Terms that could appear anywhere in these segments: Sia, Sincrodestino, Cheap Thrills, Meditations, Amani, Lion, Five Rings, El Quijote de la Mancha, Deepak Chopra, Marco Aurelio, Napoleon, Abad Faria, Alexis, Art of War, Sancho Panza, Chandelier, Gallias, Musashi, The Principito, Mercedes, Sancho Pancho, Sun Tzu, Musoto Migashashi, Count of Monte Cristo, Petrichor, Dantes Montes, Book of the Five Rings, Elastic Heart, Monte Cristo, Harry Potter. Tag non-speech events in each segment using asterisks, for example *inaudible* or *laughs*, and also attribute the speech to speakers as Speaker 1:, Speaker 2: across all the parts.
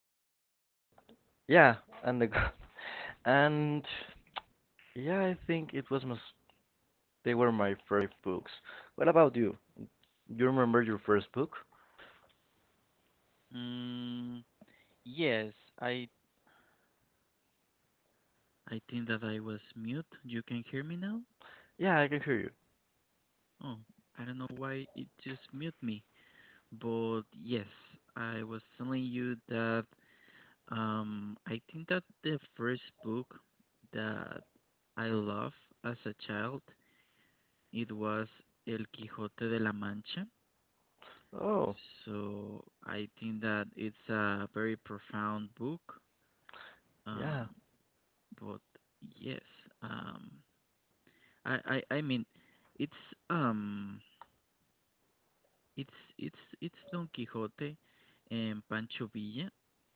Speaker 1: and yeah and the *laughs* and yeah I think it was my they were my first books. What about you? You remember your first book?
Speaker 2: I think that I was mute. You can hear me now?
Speaker 1: Yeah, I can hear you.
Speaker 2: Oh, I don't know why it just mute me. But yes, I was telling you that I think that the first book that I loved as a child it was El Quijote de la Mancha.
Speaker 1: Oh,
Speaker 2: So I think that it's a very profound book.
Speaker 1: yeah.
Speaker 2: Um but yes, um I mean it's um It's it's Don Quixote and Pancho Villa,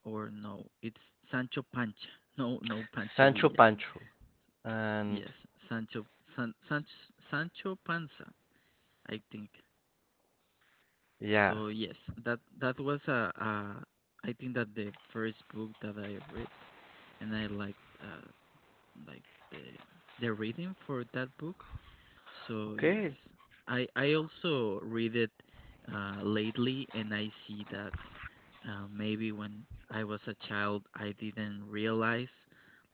Speaker 2: or no, it's Sancho Pancha. *laughs* No, no Pancho
Speaker 1: Sancho
Speaker 2: Villa.
Speaker 1: Pancho. And
Speaker 2: Yes, Sancho San, Sancho Sancho Panza, I think.
Speaker 1: yeah.
Speaker 2: So yes, that was a I think that the first book that I read, and I liked like the the reading for that book. So yes,
Speaker 1: Okay.
Speaker 2: I also read it lately, and I see that maybe when I was a child, I didn't realize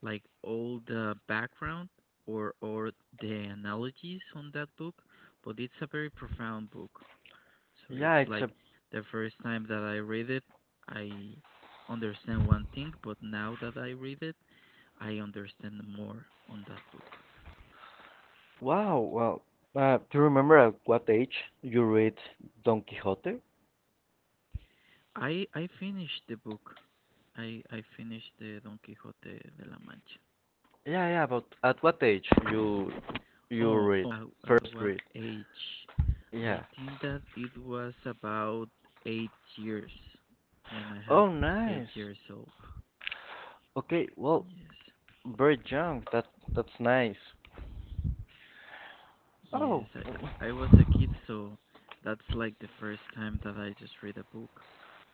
Speaker 2: like all the background or the analogies on that book, but it's a very profound book. So
Speaker 1: Yeah,
Speaker 2: it's
Speaker 1: it's
Speaker 2: like
Speaker 1: a
Speaker 2: the first time that I read it, I understand one thing, but now that I read it, I understand more on that book.
Speaker 1: wow. Well, do you remember at what age you read Don Quixote?
Speaker 2: I I finished the book I finished the Don Quixote de la Mancha.
Speaker 1: Yeah, yeah, but at what age you
Speaker 2: Oh, at what
Speaker 1: read?
Speaker 2: age? I
Speaker 1: Yeah.
Speaker 2: think that it was about 8 years when I have
Speaker 1: Oh,
Speaker 2: eight
Speaker 1: nice.
Speaker 2: years old.
Speaker 1: Okay, well,
Speaker 2: Yes,
Speaker 1: very young. That's nice. Oh,
Speaker 2: yes. I
Speaker 1: *laughs*
Speaker 2: was a kid, so that's like the first time that I just read a book.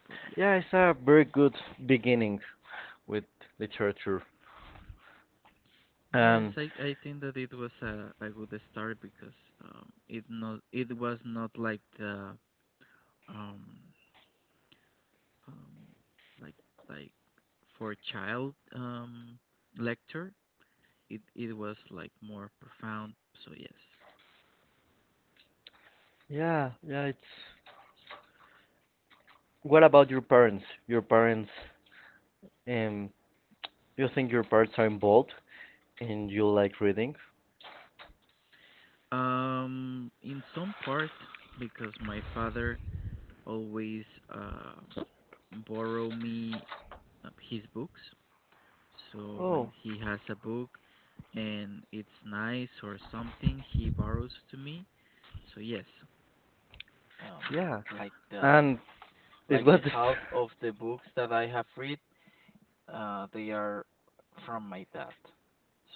Speaker 2: But yeah,
Speaker 1: yeah, it's a very good beginning with literature.
Speaker 2: yes,
Speaker 1: And
Speaker 2: I think that it was a good start because it not it was not like the um um, like like for child lecture, it was like more profound. So yes,
Speaker 1: yeah, yeah. it's. What about your parents? Your parents, um, you think your parents are involved and you like reading?
Speaker 2: in some part because my father always um borrow me his books. So
Speaker 1: Oh,
Speaker 2: when he has a book and it's nice or something, he borrows to me. So yes, um,
Speaker 1: yeah.
Speaker 2: like the um,
Speaker 1: And it
Speaker 2: like
Speaker 1: was
Speaker 2: the
Speaker 1: the. *laughs*
Speaker 2: half of the books that I have read, uh, they are from my dad.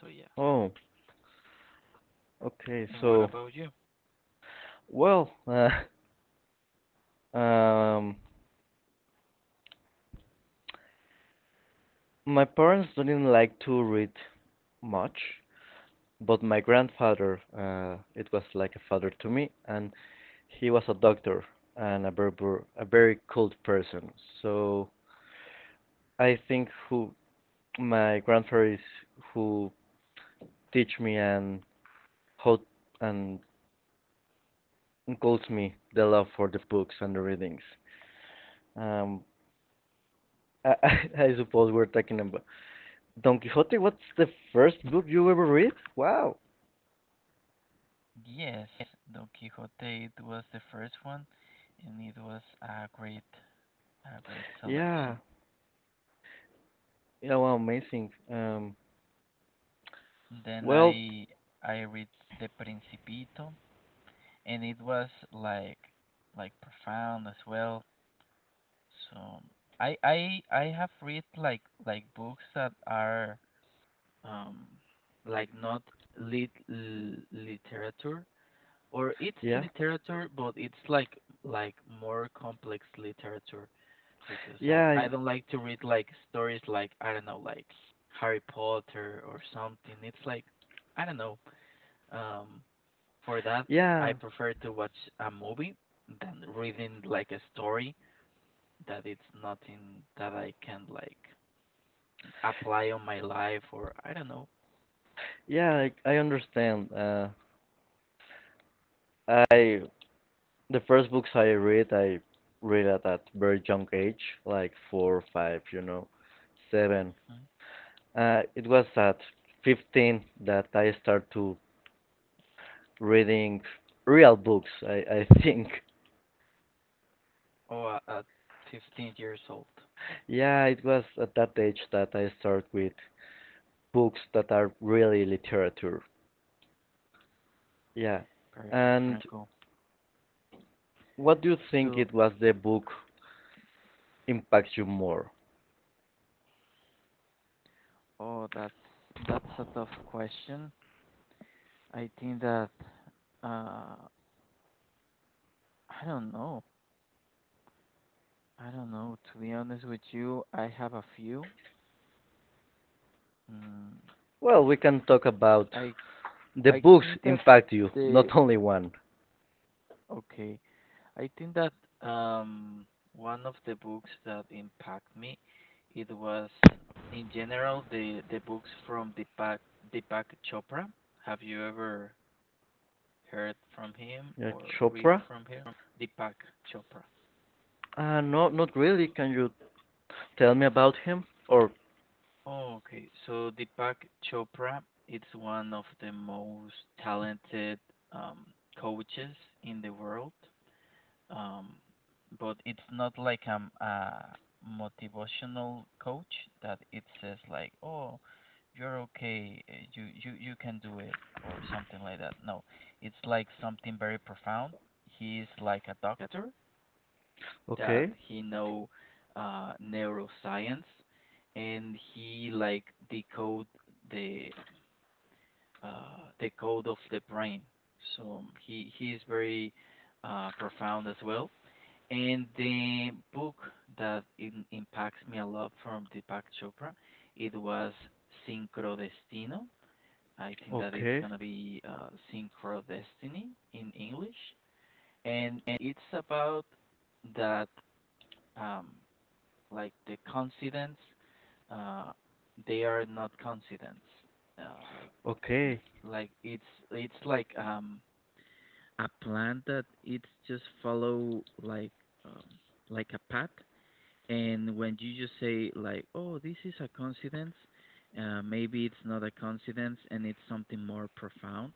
Speaker 2: So yeah.
Speaker 1: Oh, okay.
Speaker 2: And what
Speaker 1: So,
Speaker 2: about you?
Speaker 1: well, um, my parents didn't like to read much, but my grandfather, it was like a father to me, and he was a doctor and a very cold person. So I think who my grandfather is who teach me and how and calls me the love for the books and the readings. Um, *laughs* I, I, I suppose we're talking about Don Quixote. What's the first book you ever read? Wow.
Speaker 2: Yes, Don Quixote it was the first one, and it was a great
Speaker 1: Yeah.
Speaker 2: selection.
Speaker 1: Yeah. Wow. Amazing.
Speaker 2: Then
Speaker 1: Well.
Speaker 2: I read The Principito, and it was like profound as well. So I have read like books that are um like not literature, or it's
Speaker 1: Yeah.
Speaker 2: literature, but it's like more complex literature because I
Speaker 1: Yeah.
Speaker 2: I don't like to read like stories like I don't know like Harry Potter or something. It's like I don't know. Um, for that I
Speaker 1: Yeah.
Speaker 2: prefer to watch a movie than reading like a story that it's nothing that I can like apply on my life or I don't know.
Speaker 1: Yeah. I understand. I The first books I read at a very young age, like four, five, seven.
Speaker 2: Mm.
Speaker 1: It was at 15 that I started to reading real books. I *laughs* think.
Speaker 2: Or at 15 years old.
Speaker 1: Yeah, it was at that age that I started with books that are really literature. Yeah.
Speaker 2: Perfect,
Speaker 1: And
Speaker 2: Franco.
Speaker 1: what do you think
Speaker 2: So
Speaker 1: it was the book impacts you more?
Speaker 2: oh, that's a tough question. I think that uh I don't know. I don't know. To be honest with you, I have a few. Mm,
Speaker 1: Well, we can talk about
Speaker 2: I
Speaker 1: the
Speaker 2: I
Speaker 1: books
Speaker 2: think that
Speaker 1: impact you,
Speaker 2: the
Speaker 1: not only one.
Speaker 2: okay. I think that um one of the books that impact me it was in general the books from Deepak Chopra. Have you ever heard from him
Speaker 1: Yeah,
Speaker 2: or read
Speaker 1: Chopra?
Speaker 2: from him? Deepak Chopra.
Speaker 1: No, not really. Can you tell me about him? Or,
Speaker 2: Oh, okay. So Deepak Chopra is one of the most talented um, coaches in the world. Um, but it's not like a motivational coach that it says like, "Oh, you're okay. You you can do it," or something like that. No, it's like something very profound. He is like a doctor that
Speaker 1: okay,
Speaker 2: he know neuroscience, and he like decode the the code of the brain. So he is very profound as well. And the book that impacts me a lot from Deepak Chopra, it was Sincrodestino. I think that it's
Speaker 1: okay,
Speaker 2: gonna be Syncrodestiny in English, and it's about that um, like the coincidence, uh they are not coincidence, uh, like
Speaker 1: okay.
Speaker 2: it's a plan that it's just follow um like a path, and when you just say like oh this is a coincidence, maybe it's not a coincidence and it's something more profound.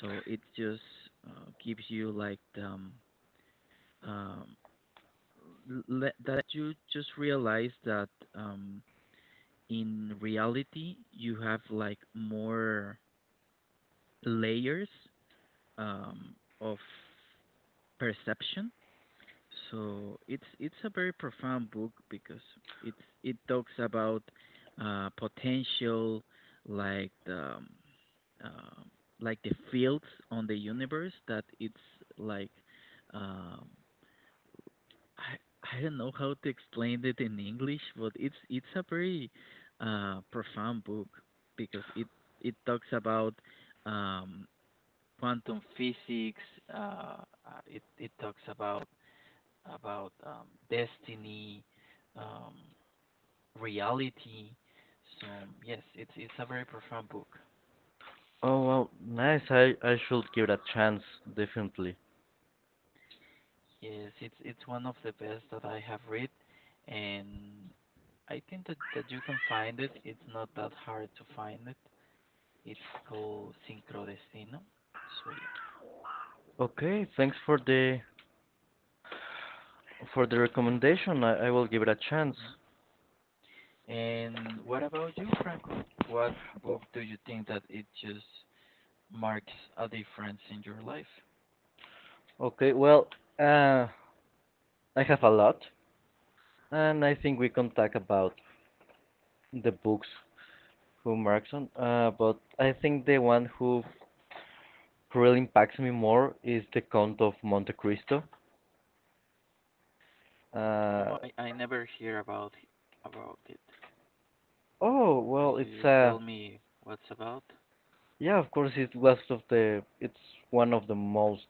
Speaker 2: So it just gives you like um let, that you just realize that um in reality you have like more layers um, of perception. So it's a very profound book because it's it talks about potential like the um, um, like the fields on the universe that it's like um, I I don't know how to explain it in English, but it's a very profound book because it talks about um, quantum physics. It it talks about destiny, um, reality. So yes, it's a very profound book.
Speaker 1: Oh, wow, nice. I should give it a chance, definitely.
Speaker 2: Yes, it's one of the best that I have read, and I think that that you can find it. It's not that hard to find it. It's called Sincrodestino. So yeah.
Speaker 1: Okay, thanks for the recommendation, I will give it a chance.
Speaker 2: Hmm. And what about you, Franco? What book do you think that it just marks a difference in your life?
Speaker 1: Okay, well, uh, I have a lot, and I think we can talk about the books who marks on. But I think the one who really impacts me more is the Count of Monte Cristo.
Speaker 2: Oh,
Speaker 1: Uh,
Speaker 2: I never hear about it.
Speaker 1: oh,
Speaker 2: Could
Speaker 1: well,
Speaker 2: you
Speaker 1: it's
Speaker 2: just tell me what's about?
Speaker 1: yeah, of course, it's one of the most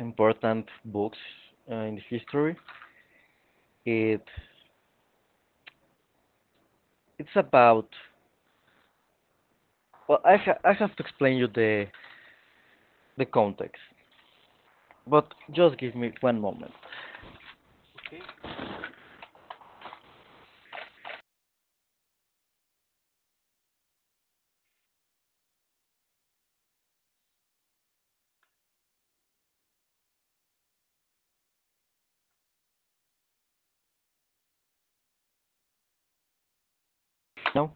Speaker 1: important books in history. It it's about, well, I have to explain you the context. But just give me one moment.
Speaker 2: Okay.
Speaker 1: No,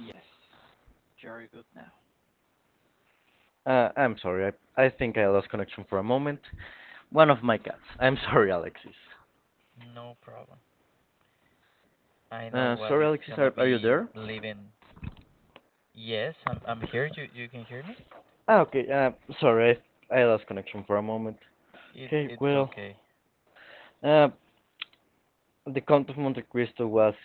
Speaker 2: Yes, very good now.
Speaker 1: I'm sorry. I think I lost connection for a moment. One of my cats. I'm *laughs* sorry, Alexis.
Speaker 2: No problem. I know what
Speaker 1: Sorry,
Speaker 2: it's
Speaker 1: Alexis.
Speaker 2: gonna
Speaker 1: Are you
Speaker 2: be
Speaker 1: there?
Speaker 2: living. Yes, I'm here. You can hear me?
Speaker 1: Ah, okay. Sorry. I lost connection for a moment.
Speaker 2: It
Speaker 1: Okay.
Speaker 2: it's
Speaker 1: Well,
Speaker 2: okay.
Speaker 1: uh, the Count of Monte Cristo was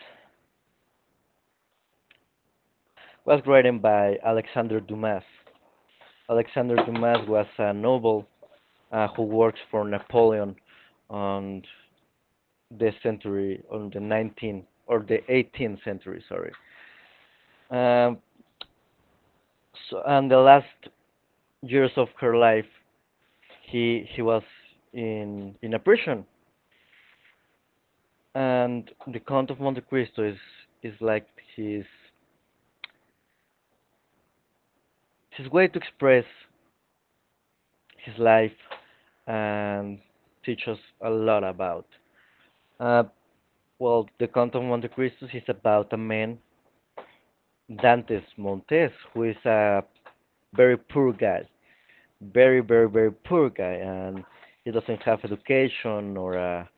Speaker 1: was written by Alexandre Dumas. Alexandre Dumas was a noble who works for Napoleon on on the 19th or the 18th century. Sorry. Um, so, and the last years of her life, he she was in a prison. And the Count of Monte Cristo is like his his way to express his life and teach us a lot about. Uh, well, the Count of Monte Cristo is about a man, Dantes Montes, who is a very poor guy, very very very poor guy, and he doesn't have education or a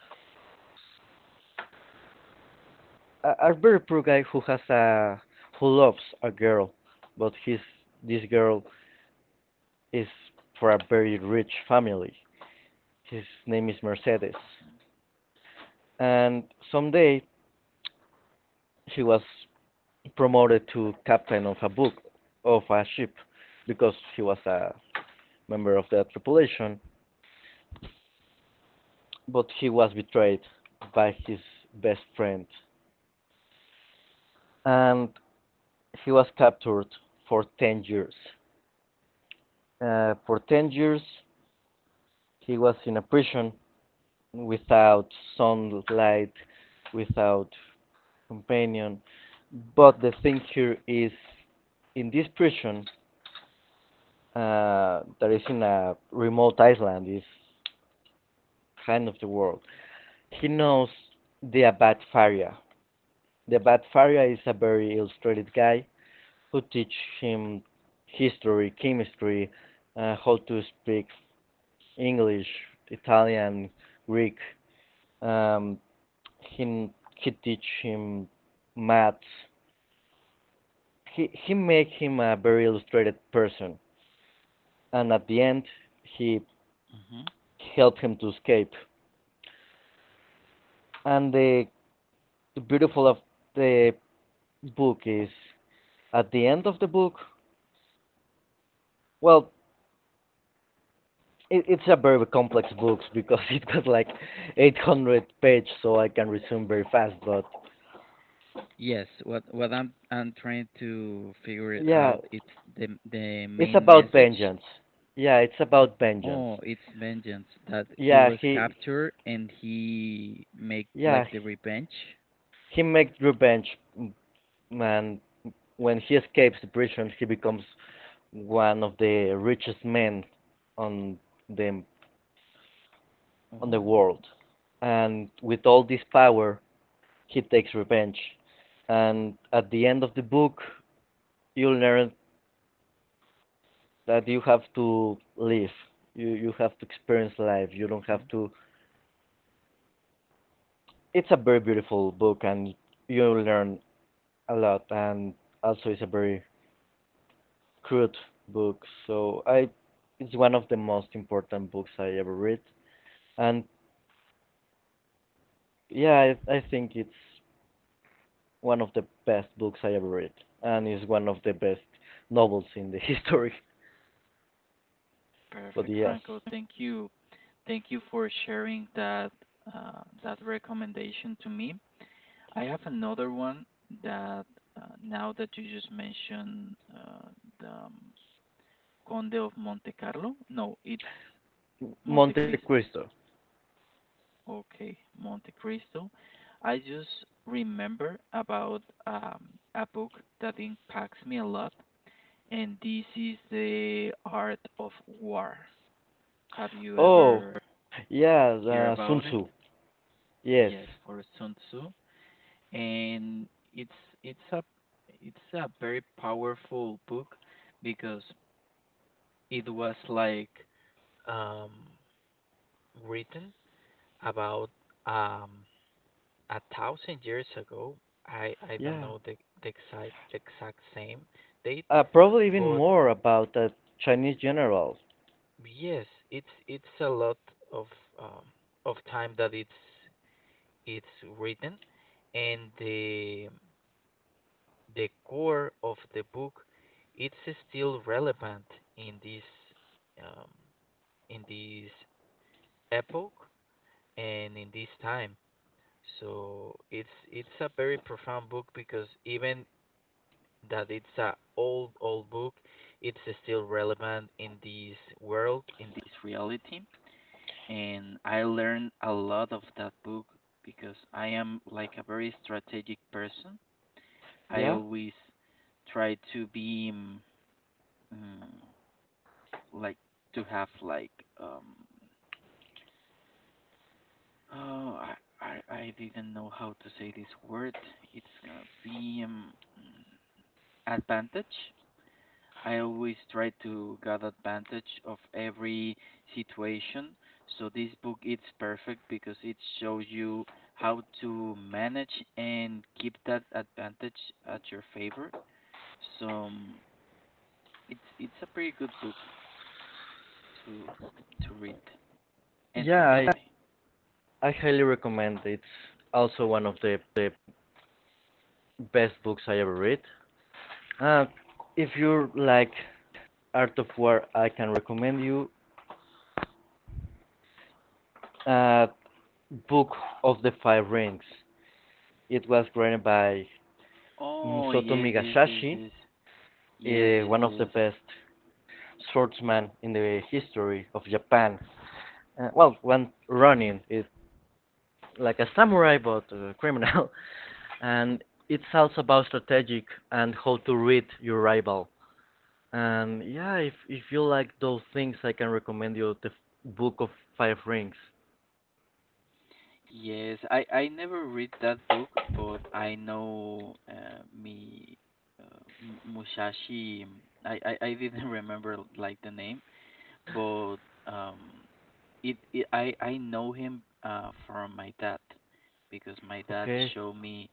Speaker 1: a, a very poor guy who has a who loves a girl, but his this girl is for a very rich family. His name is Mercedes, and someday he was promoted to captain of a ship because he was a member of the tripulation, but he was betrayed by his best friend, and he was captured for 10 years. For 10 years, he was in a prison without sunlight, without companion. But the thing here is, in this prison, that is in a remote island, is kind of the world. He knows the Abad Faria. The Abad Faria is a very illustrated guy who teaches him history, chemistry, how to speak English, Italian, Greek. Um, He he teach him maths. He make him a very illustrated person, and at the end he
Speaker 2: Mhm.
Speaker 1: help him to escape. And the beautiful of the book is at the end of the book. Well, it's a very complex book *laughs* because it got like 800 pages, so I can resume very fast. But
Speaker 2: Yes, what I'm trying to figure it
Speaker 1: yeah,
Speaker 2: out, it's the
Speaker 1: it's
Speaker 2: main
Speaker 1: about
Speaker 2: message.
Speaker 1: vengeance. Yeah, it's about vengeance.
Speaker 2: Oh, it's vengeance that he
Speaker 1: Yeah,
Speaker 2: was captured and he make
Speaker 1: yeah
Speaker 2: like the revenge.
Speaker 1: he make revenge, and when he escapes the prison, he becomes one of the richest men on the the
Speaker 2: Oh,
Speaker 1: world. And with all this power, he takes revenge. And at the end of the book, you learn that you have to live. You have to experience life. You don't have
Speaker 2: hmm.
Speaker 1: to. It's a very beautiful book, and you learn a lot. And also, it's a very crude book. So it's one of the most important books I ever read. And yeah, I think it's one of the best books I ever read, and is one of the best novels in the *laughs* history. But
Speaker 2: Perfect,
Speaker 1: yes,
Speaker 2: Franco. Thank you. Thank you for sharing that that recommendation to me. I have another one that now that you just mentioned the Conde of Monte Carlo. No, it's Monte
Speaker 1: Monte
Speaker 2: Cristo.
Speaker 1: Cristo.
Speaker 2: Okay, Monte Cristo. I just remember about a book that impacts me a lot, and this is The Art of War. Have you
Speaker 1: Oh,
Speaker 2: ever
Speaker 1: yeah,
Speaker 2: hear
Speaker 1: Sun
Speaker 2: about it?
Speaker 1: Tzu. Yes,
Speaker 2: Yes, for Sun Tzu, and it's it's a it's a very powerful book because it was like um, written about um, 1,000 years ago. I don't
Speaker 1: yeah.
Speaker 2: know the exact exact same date,
Speaker 1: Probably even
Speaker 2: but
Speaker 1: more about that Chinese general.
Speaker 2: yes, it's a lot of um, of time that it's written, and the core of the book it's still relevant in this um, in this epoch and in this time. So it's a very profound book because even that it's a old old book. It's still relevant in this world, in this reality, and I learned a lot of that book because I am like a very strategic person. I
Speaker 1: Yeah,
Speaker 2: always try to be mm, like to have like um oh I didn't know how to say this word. It's gonna be mm, advantage. I always try to get advantage of every situation. So this book it's perfect because it shows you how to manage and keep that advantage at your favor. So it's a pretty good book to to read and to
Speaker 1: yeah.
Speaker 2: apply.
Speaker 1: I highly recommend. It's also one of the best books I ever read. Uh, if you like Art of War, I can recommend you. Uh, Book of the Five Rings. It was written by
Speaker 2: Oh
Speaker 1: Musoto
Speaker 2: yes yes yes
Speaker 1: Migashashi,
Speaker 2: yes yes yes
Speaker 1: one of the
Speaker 2: yes.
Speaker 1: best swordsmen in the history of Japan. Well, one running is like a
Speaker 2: Mm-hmm.
Speaker 1: samurai but a *laughs* criminal, and it's also about strategic and how to read your rival. And yeah, if you like those things, I can recommend you the Book of Five Rings.
Speaker 2: Yes, I never read that book, but I know uh, Musashi. I *laughs* didn't remember like the name, but um, it I know him from my dad because my dad
Speaker 1: Okay,
Speaker 2: showed me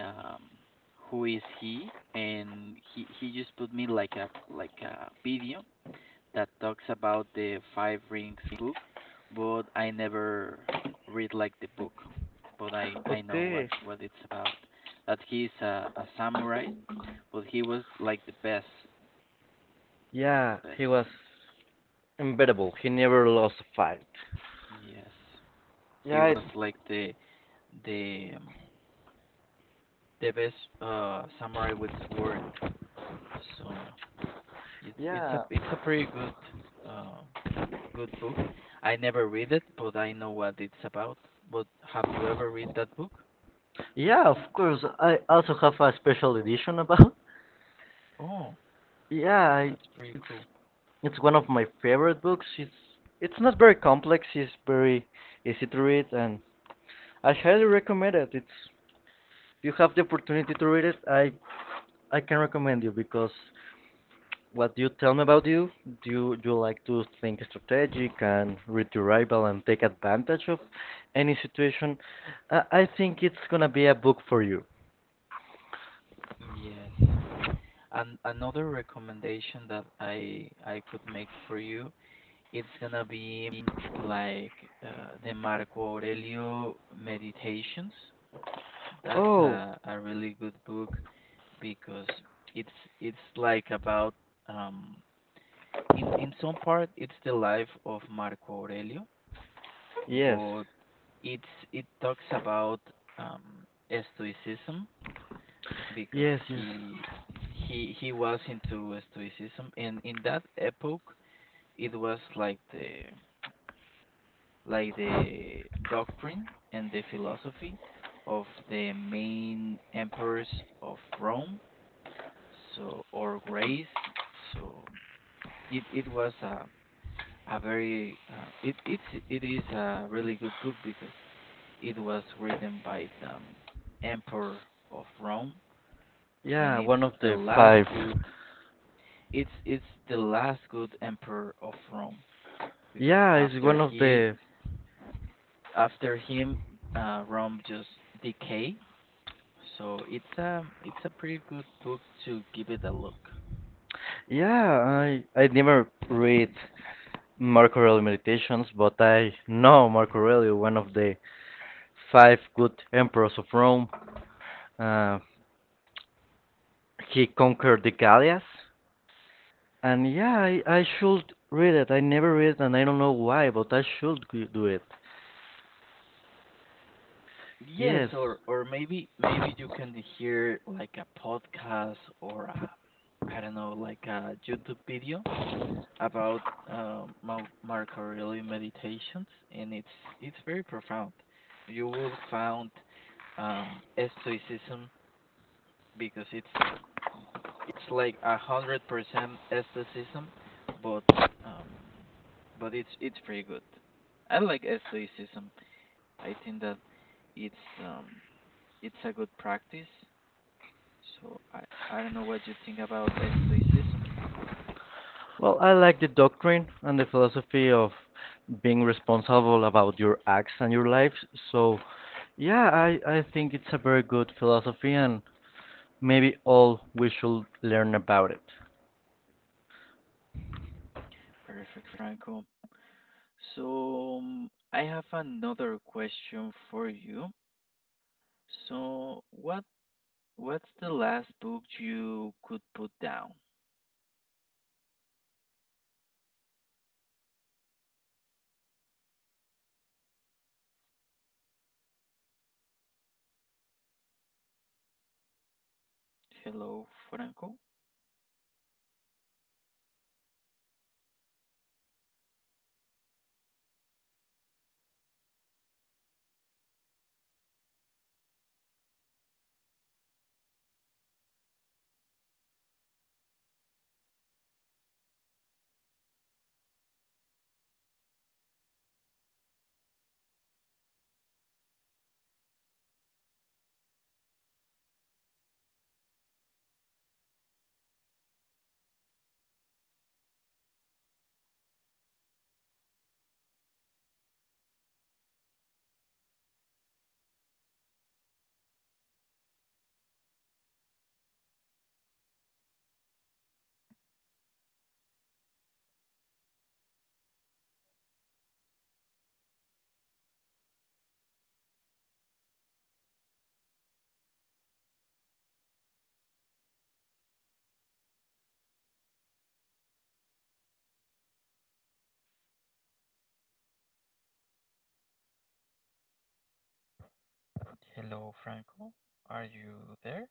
Speaker 2: um who is he, and he just put me like a video that talks about the Five Rings book, but I never read like the book, but I know
Speaker 1: okay.
Speaker 2: what it's about. That he's a samurai, but he was like
Speaker 1: Yeah,
Speaker 2: the best
Speaker 1: he
Speaker 2: on
Speaker 1: was unbeatable. He never lost a fight.
Speaker 2: yes, he
Speaker 1: Yeah, it,
Speaker 2: was like the um, the best samurai with sword. So it's
Speaker 1: yeah.
Speaker 2: it's a pretty good uh good book. I never read it, but I know what it's about. But have you ever read that book?
Speaker 1: Yeah, of course. I also have a special edition about. *laughs*
Speaker 2: Oh,
Speaker 1: Yeah, I,
Speaker 2: that's pretty
Speaker 1: it's
Speaker 2: cool.
Speaker 1: it's one of my favorite books. It's not very complex. It's very easy to read, and I highly recommend it. It's if you have the opportunity to read it, I can recommend you. Because what do you tell me about you? Do you like to think strategic and read your rival and take advantage of any situation? I think it's gonna be a book for you.
Speaker 2: Mm, yes. And another recommendation that I could make for you, it's gonna be like the Marco Aurelio Meditations. That's
Speaker 1: Oh,
Speaker 2: a really good book because it's it's like about um in some part it's the life of Marco Aurelio,
Speaker 1: yes.
Speaker 2: but it's it talks about um stoicism because
Speaker 1: Yes, yes.
Speaker 2: he was into stoicism, and in that epoch it was like the doctrine and the philosophy of the main emperors of Rome, so or Greece. So it was a very it is a really good book because it was written by the emperor of Rome, and
Speaker 1: Yeah, one of the five.
Speaker 2: it's the last good emperor of Rome because
Speaker 1: Yeah, it's one of the.
Speaker 2: after him, Rome just decay. So it's a pretty good book to give it a look.
Speaker 1: Yeah, I never read Marco Aurelio Meditations, but I know Marco Aurelio, one of the five good emperors of Rome. Uh, he conquered the Gallias, and yeah, I should read it. I never read it, and I don't know why, but I should do it.
Speaker 2: Yes,
Speaker 1: Yes.
Speaker 2: or maybe maybe you can hear like a podcast or a, I don't know, like a YouTube video about Marco Aurelio meditations, and it's very profound. You will find um, stoicism because it's like 100% aestheticism, but um, but it's pretty good. I like aestheticism. I think that it's um it's a good practice. So I don't know what you think about aestheticism.
Speaker 1: Well, I like the doctrine and the philosophy of being responsible about your acts and your lives. So, yeah, I think it's a very good philosophy, and maybe all we should learn about it.
Speaker 2: Perfect, Franco. So I have another question for you. So what what's the last book you could put down? Hello, Franco. Hello, Franco. Are you there?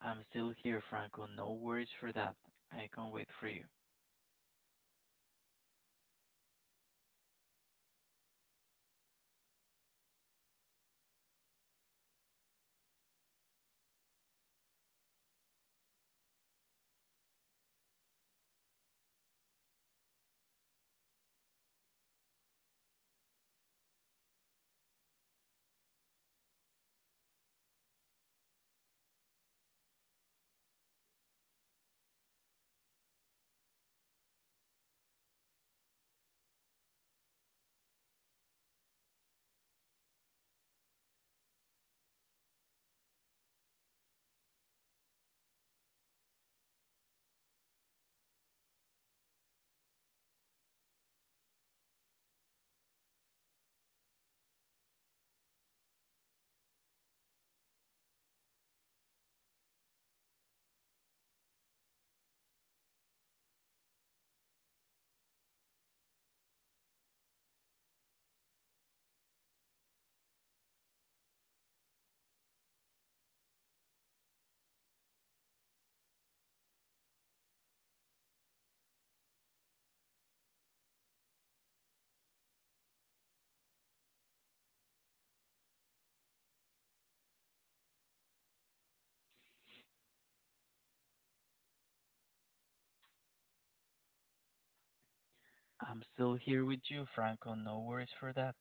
Speaker 2: I'm still here, Franco. No worries for that. I can wait for you. I'm still here with you, Franco. No worries for that.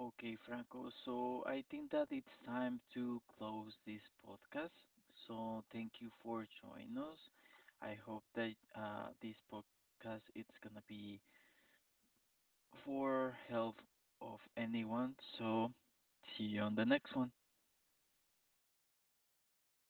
Speaker 2: Okay, Franco. So I think that it's time to close this podcast. So thank you for joining us. I hope that this podcast it's gonna be for help of anyone. So see you on the next one.